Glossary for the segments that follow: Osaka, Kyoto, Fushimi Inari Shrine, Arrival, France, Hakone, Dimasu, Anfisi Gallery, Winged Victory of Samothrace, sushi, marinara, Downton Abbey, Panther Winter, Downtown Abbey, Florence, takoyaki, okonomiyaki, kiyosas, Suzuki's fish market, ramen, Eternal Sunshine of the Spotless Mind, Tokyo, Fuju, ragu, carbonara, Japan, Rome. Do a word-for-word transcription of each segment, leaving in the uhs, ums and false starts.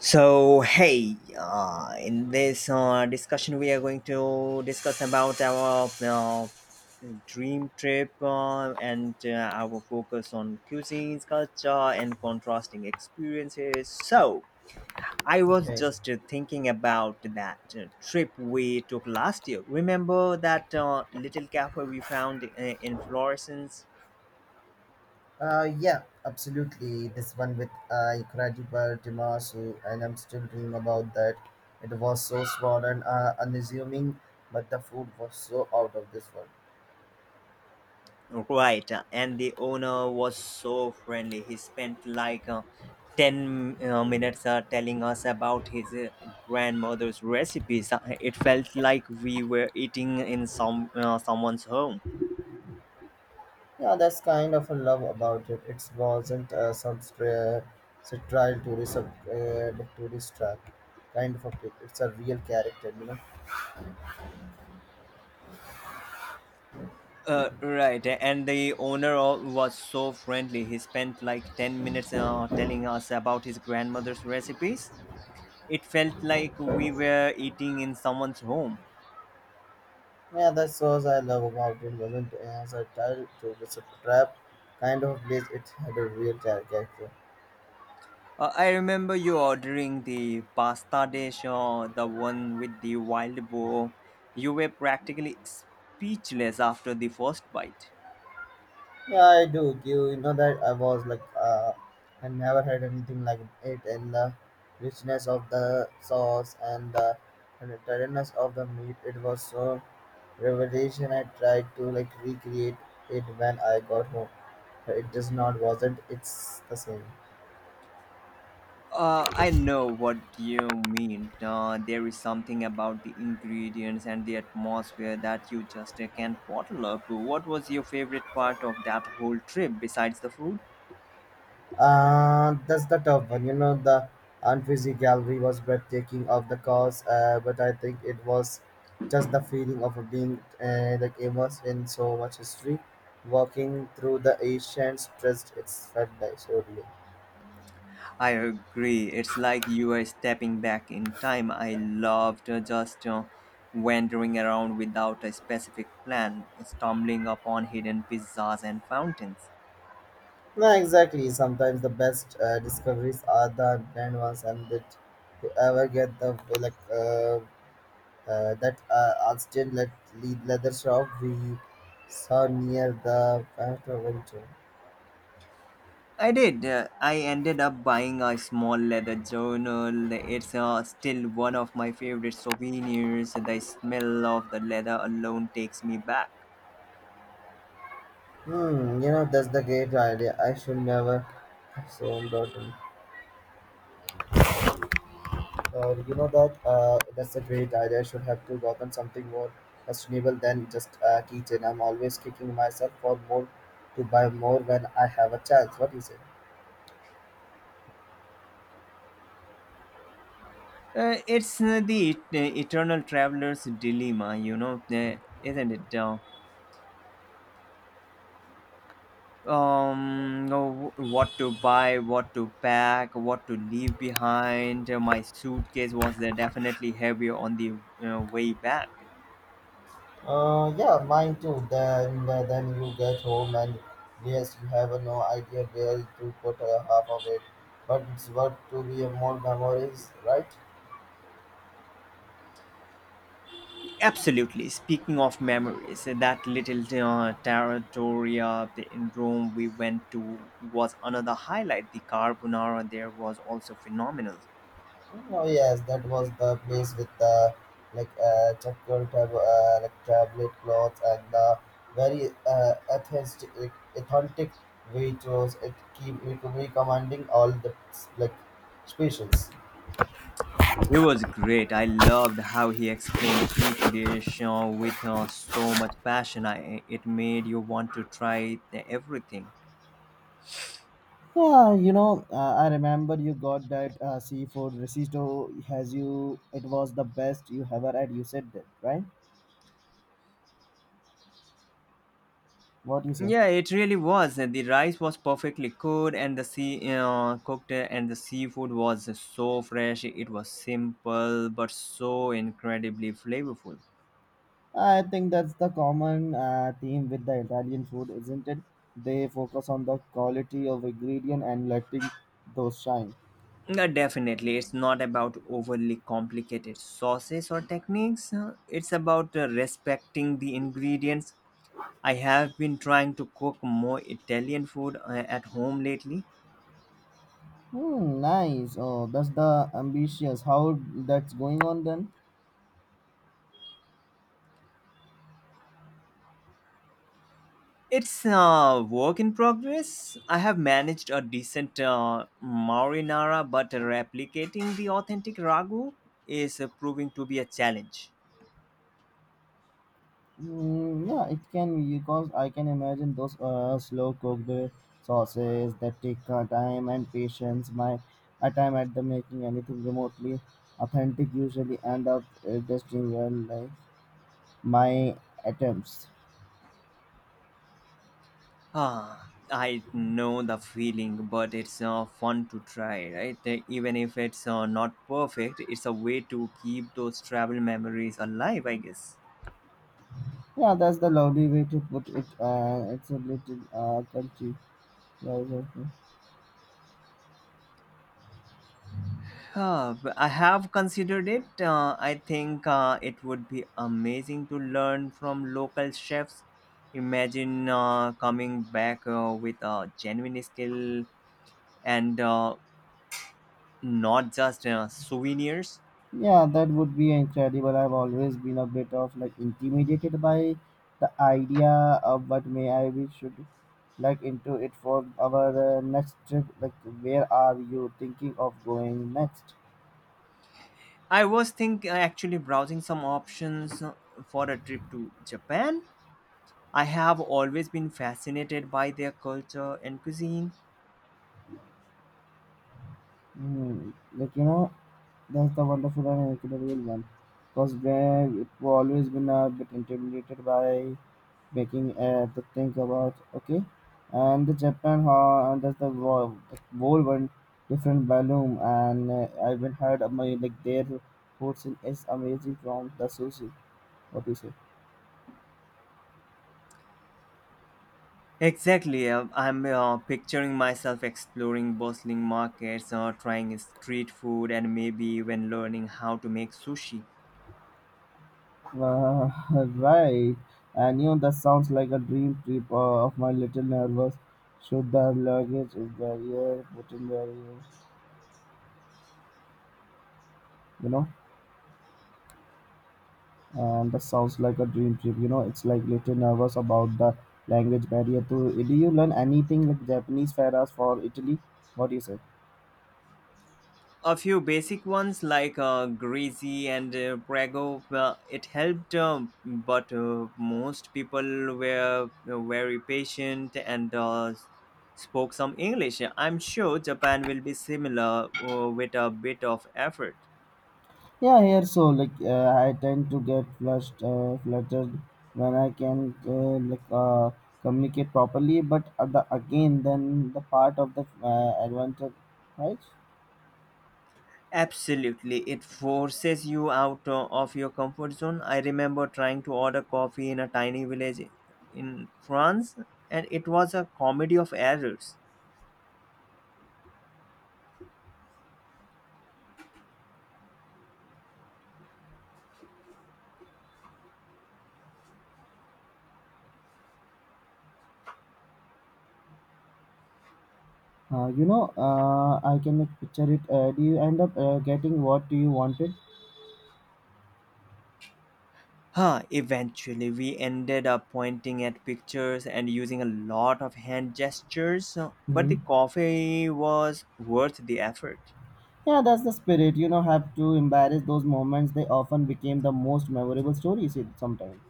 So, hey, uh, in this uh, discussion, we are going to discuss about our uh, dream trip uh, and uh, our focus on cuisines, culture, and contrasting experiences. So, I was Okay. just uh, thinking about that uh, trip we took last year. Remember that uh, little cafe we found uh, in Florence? Uh, yeah, absolutely. This one with uh, incredible Dimasu, and I'm still dreaming about that. It was so small and uh, unassuming, but the food was so out of this world. Right, uh, and the owner was so friendly. He spent like uh, ten uh, minutes uh, telling us about his uh, grandmother's recipes. Uh, It felt like we were eating in some uh, someone's home. Yeah, that's kind of a love about it. It wasn't uh, some stra- trial tourist uh, like tourist trap kind of a trip. It's a real character, you know. Uh, right, and the owner o- was so friendly. He spent like ten minutes uh, telling us about his grandmother's recipes. It felt like we were eating in someone's home. Yeah, that's what I love about it. Wasn't as a trial tourist trap kind of place. It had a real character. Uh, I remember you ordering the pasta dish or the one with the wild boar. You were practically speechless after the first bite. Yeah, I do. You you know that I was like, uh, I never had anything like it, and the richness of the sauce and the and the tenderness of the meat. It was so revelation. I tried to like recreate it when I got home, but it just not wasn't. It's the same. Uh, I know what you mean. Uh, there is something about the ingredients and the atmosphere that you just uh, can't bottle up. What was your favorite part of that whole trip besides the food? Uh, that's the tough one. You know, the Anfisi Gallery was breathtaking of the cause, uh, but I think it was just the feeling of being uh, like immersed in so much history. Walking through the ancient streets, it's felt like surely. I agree. It's like you are stepping back in time. I loved uh, just uh, wandering around without a specific plan, stumbling upon hidden pizzas and fountains. No, exactly. Sometimes the best uh, discoveries are the grand ones, and that you ever get the like uh, uh, that uh, Austin let lead leather shop we saw near the Panther Winter. I did. uh, I ended up buying a small leather journal. It's uh, still one of my favorite souvenirs. The smell of the leather alone takes me back. Hmm, you know, that's the great idea. I should never have sold gotten. Uh, you know that uh, that's a great idea. I should have to gotten something more sustainable than just a keychain. I'm always kicking myself for more to buy more when I have a chance. What do you say? Uh, it's uh, the et- eternal traveler's dilemma, you know, uh, isn't it? Uh, um no, what to buy, what to pack, what to leave behind. My suitcase was there definitely heavier on the uh, way back. Uh, yeah, mine too. Then uh, then you get home and yes, you have uh, no idea where to put uh, half of it, but it's worth to be a more memories, right? Absolutely. Speaking of memories, that little uh, territoria in Rome we went to was another highlight. The carbonara there was also phenomenal. Oh yes, that was the place with the like uh, checkered tab- uh, like tablet clothes and the very uh, authentic, like, authentic waitress. It keep rec- recommending all the like specials. It was great. I loved how he explained each dish uh, with uh, so much passion. I, it made you want to try everything. Yeah, you know, uh, I remember you got that uh, seafood risotto. Has you? It was the best you ever had. You said that, right? What you say? Yeah, it really was. The rice was perfectly cooked, and the sea uh, cooked, and the seafood was so fresh. It was simple but so incredibly flavorful. I think that's the common uh, theme with the Italian food, isn't it? They focus on the quality of ingredient and letting those shine. Yeah, definitely, it's not about overly complicated sauces or techniques. uh, It's about uh, respecting the ingredients. I have been trying to cook more Italian food uh, at home lately. Hmm, nice. Oh, that's the ambitious. How that's going on then? It's a work in progress. I have managed a decent uh, marinara, but replicating the authentic ragu is uh, proving to be a challenge. Mm, yeah, it can be because I can imagine those uh, slow cooked sauces that take uh, time and patience. My uh, time at the making anything remotely authentic usually end up uh, tasting well like my attempts. Ah, I know the feeling, but it's uh, fun to try, right? Uh, Even if it's uh, not perfect, it's a way to keep those travel memories alive, I guess. Yeah, that's the lovely way to put it. Uh, it's a little uh, country. Yeah, exactly. Uh, I have considered it. Uh, I think uh, it would be amazing to learn from local chefs. Imagine uh, coming back uh, with a genuine skill and uh, not just uh, souvenirs. Yeah, that would be incredible. I've always been a bit of like intimidated by the idea of what may I we should like into it for our uh, next trip. Like, where are you thinking of going next? I was think uh, actually browsing some options uh, for a trip to Japan. I have always been fascinated by their culture and cuisine. Mm, like you know, that's the wonderful and incredible one. Because we've always been a bit intimidated by making uh, to think about okay and the japan ha and that's the wo- the whole one different balloon and uh, I even heard of my like their portion is amazing from the sushi what do you say Exactly. uh, I'm uh, picturing myself exploring bustling markets, uh, trying street food, and maybe even learning how to make sushi. uh, right and you know that sounds like a dream trip uh, of my little nervous should the luggage is barrier put in barrier you know. And that sounds like a dream trip. You know, it's like little nervous about the language barrier too. Do you learn anything like Japanese faras for Italy? What do you say? A few basic ones like uh, greasy and uh, prego, uh, it helped, um, but uh, most people were uh, very patient and uh, spoke some English. I'm sure Japan will be similar uh, with a bit of effort. Yeah, here so like uh, I tend to get flushed, uh, fluttered when I can uh, like uh, communicate properly. But uh, the, again, then the part of the uh, advantage, right? Absolutely, it forces you out uh, of your comfort zone. I remember trying to order coffee in a tiny village in France, and it was a comedy of errors. Uh, you know, uh, I can like, picture it. Uh, do you end up uh, getting what you wanted? Huh, eventually, we ended up pointing at pictures and using a lot of hand gestures, uh, but the Hmm. coffee was worth the effort. Yeah, that's the spirit. You know, have to embrace those moments. They often became the most memorable stories. It sometimes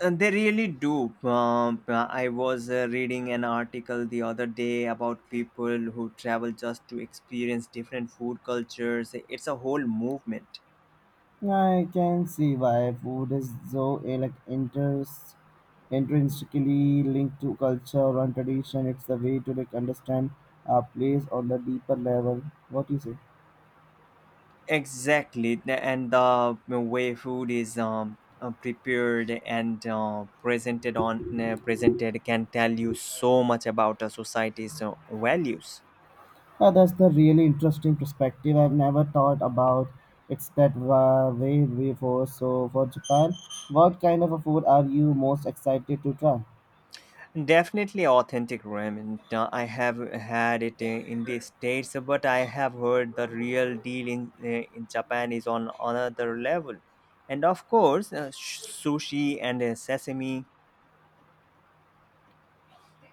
Uh, they really do. Um, uh, I was uh, reading an article the other day about people who travel just to experience different food cultures. It's a whole movement. I can see why food is so eh, like interest intrinsically linked to culture and tradition. It's the way to like understand a place on the deeper level. What you say? Exactly, the- and the way food is um, uh, prepared and uh, presented on uh, presented can tell you so much about a society's uh, values. Yeah, that's the really interesting perspective. I've never thought about. It's that wa- way before. So for Japan, what kind of a food are you most excited to try? Definitely authentic ramen. Uh, I have had it in in the States, but I have heard the real deal in, uh, in Japan is on another level. And of course, uh, sh- sushi and uh, sesame.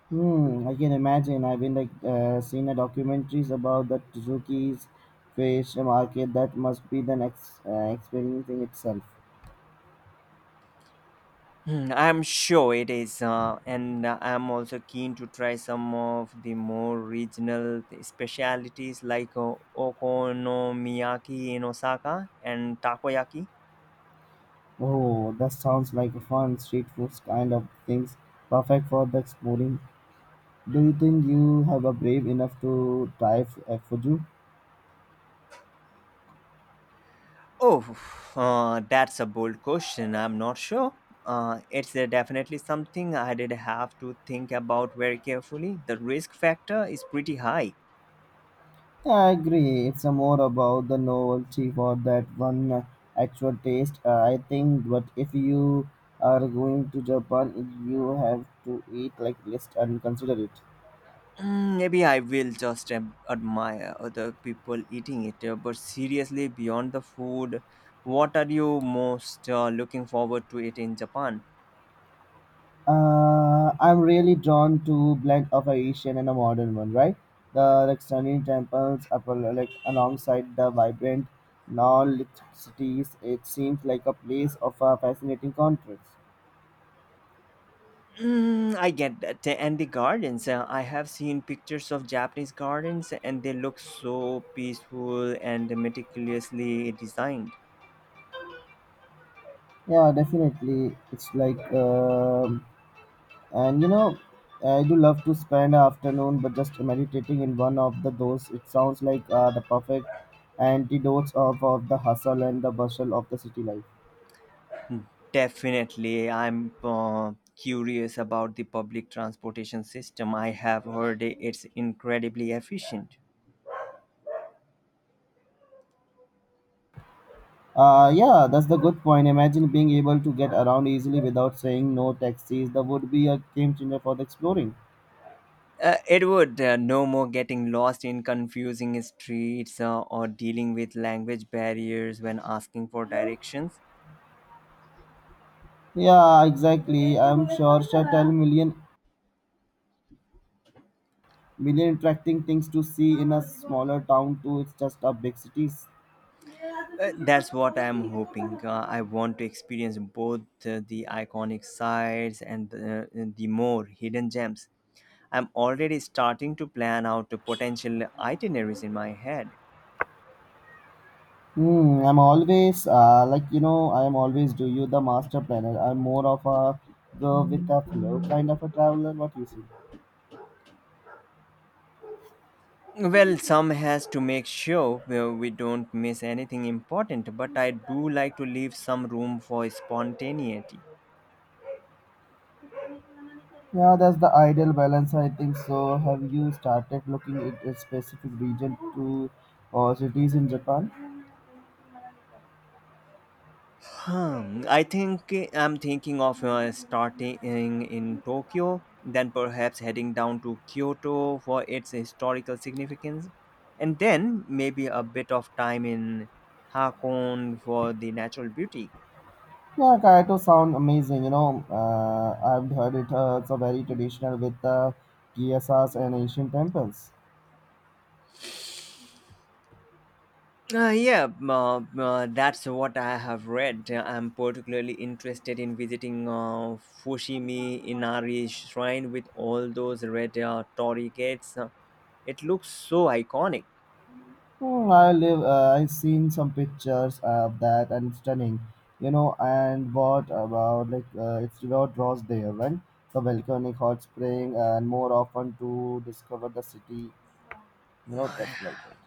Hmm, I can imagine. I've been like uh, seen a documentaries about the Suzuki's fish market that must be the next uh, experiencing itself. Hmm, I'm sure it is. Uh, and uh, I'm also keen to try some of the more regional specialities like uh, okonomiyaki in Osaka and takoyaki. Oh, that sounds like a fun street foods kind of things, perfect for the exploring. Do you think you have a brave enough to try f- uh, Fuju? Oh, uh, that's a bold question. I'm not sure. Uh, it's uh, definitely something I did have to think about very carefully. The risk factor is pretty high. I agree. It's a more about the novelty for that one uh, actual taste. Uh, I think, but if you are going to Japan, you have to eat like list and consider it. Mm, maybe I will just um, admire other people eating it. Uh, but seriously, beyond the food, what are you most uh, looking forward to it in Japan? Uh, I'm really drawn to blend of a Asian and a modern one, right? The like stunning temples, up al- like alongside the vibrant, non-lit cities. It seems like a place of a fascinating contrast. Mm, I get that. And the gardens, uh, I have seen pictures of Japanese gardens and they look so peaceful and meticulously designed. Yeah, definitely. It's like. Um, and you know, I do love to spend an afternoon, but just meditating in one of the those. It sounds like uh, the perfect antidotes of, of the hustle and the bustle of the city life. Definitely, I'm uh, curious about the public transportation system. I have heard it's incredibly efficient. Uh, yeah, that's the good point. Imagine being able to get around easily without saying no taxis. That would be a game changer for the exploring. Uh, it would uh, no more getting lost in confusing streets uh, or dealing with language barriers when asking for directions. Yeah, exactly. I'm sure Shatel million million attracting things to see in a smaller town too. It's just a big cities. Uh, that's what I'm hoping. Uh, I want to experience both uh, the iconic sites and the, uh, the more hidden gems. I'm already starting to plan out the potential itineraries in my head. Hmm, I'm always uh, like you know I am always do you the master planner. I'm more of a go with the flow kind of a traveler. What you see? Well, some has to make sure uh, we don't miss anything important, but I do like to leave some room for spontaneity. Yeah, that's the ideal balance. I think so. Have you started looking at a specific region to or cities in Japan? Hmm, I think I'm thinking of uh, starting in, in Tokyo, then perhaps heading down to Kyoto for its historical significance, and then maybe a bit of time in Hakone for the natural beauty. Yeah, Kyoto sound amazing. You know, uh, I've heard it. Uh, it's a very traditional with the uh, kiyosas and ancient temples. Uh, yeah, uh, uh, that's what I have read. I'm particularly interested in visiting uh, Fushimi Inari Shrine with all those red uh, torii gates. Uh, It looks so iconic. Hmm, I live. Uh, I've seen some pictures of that, and it's stunning. You know, and what about like uh, it's about draws there, right? The volcanic hot spring, and more often to discover the city. You know, that's like that.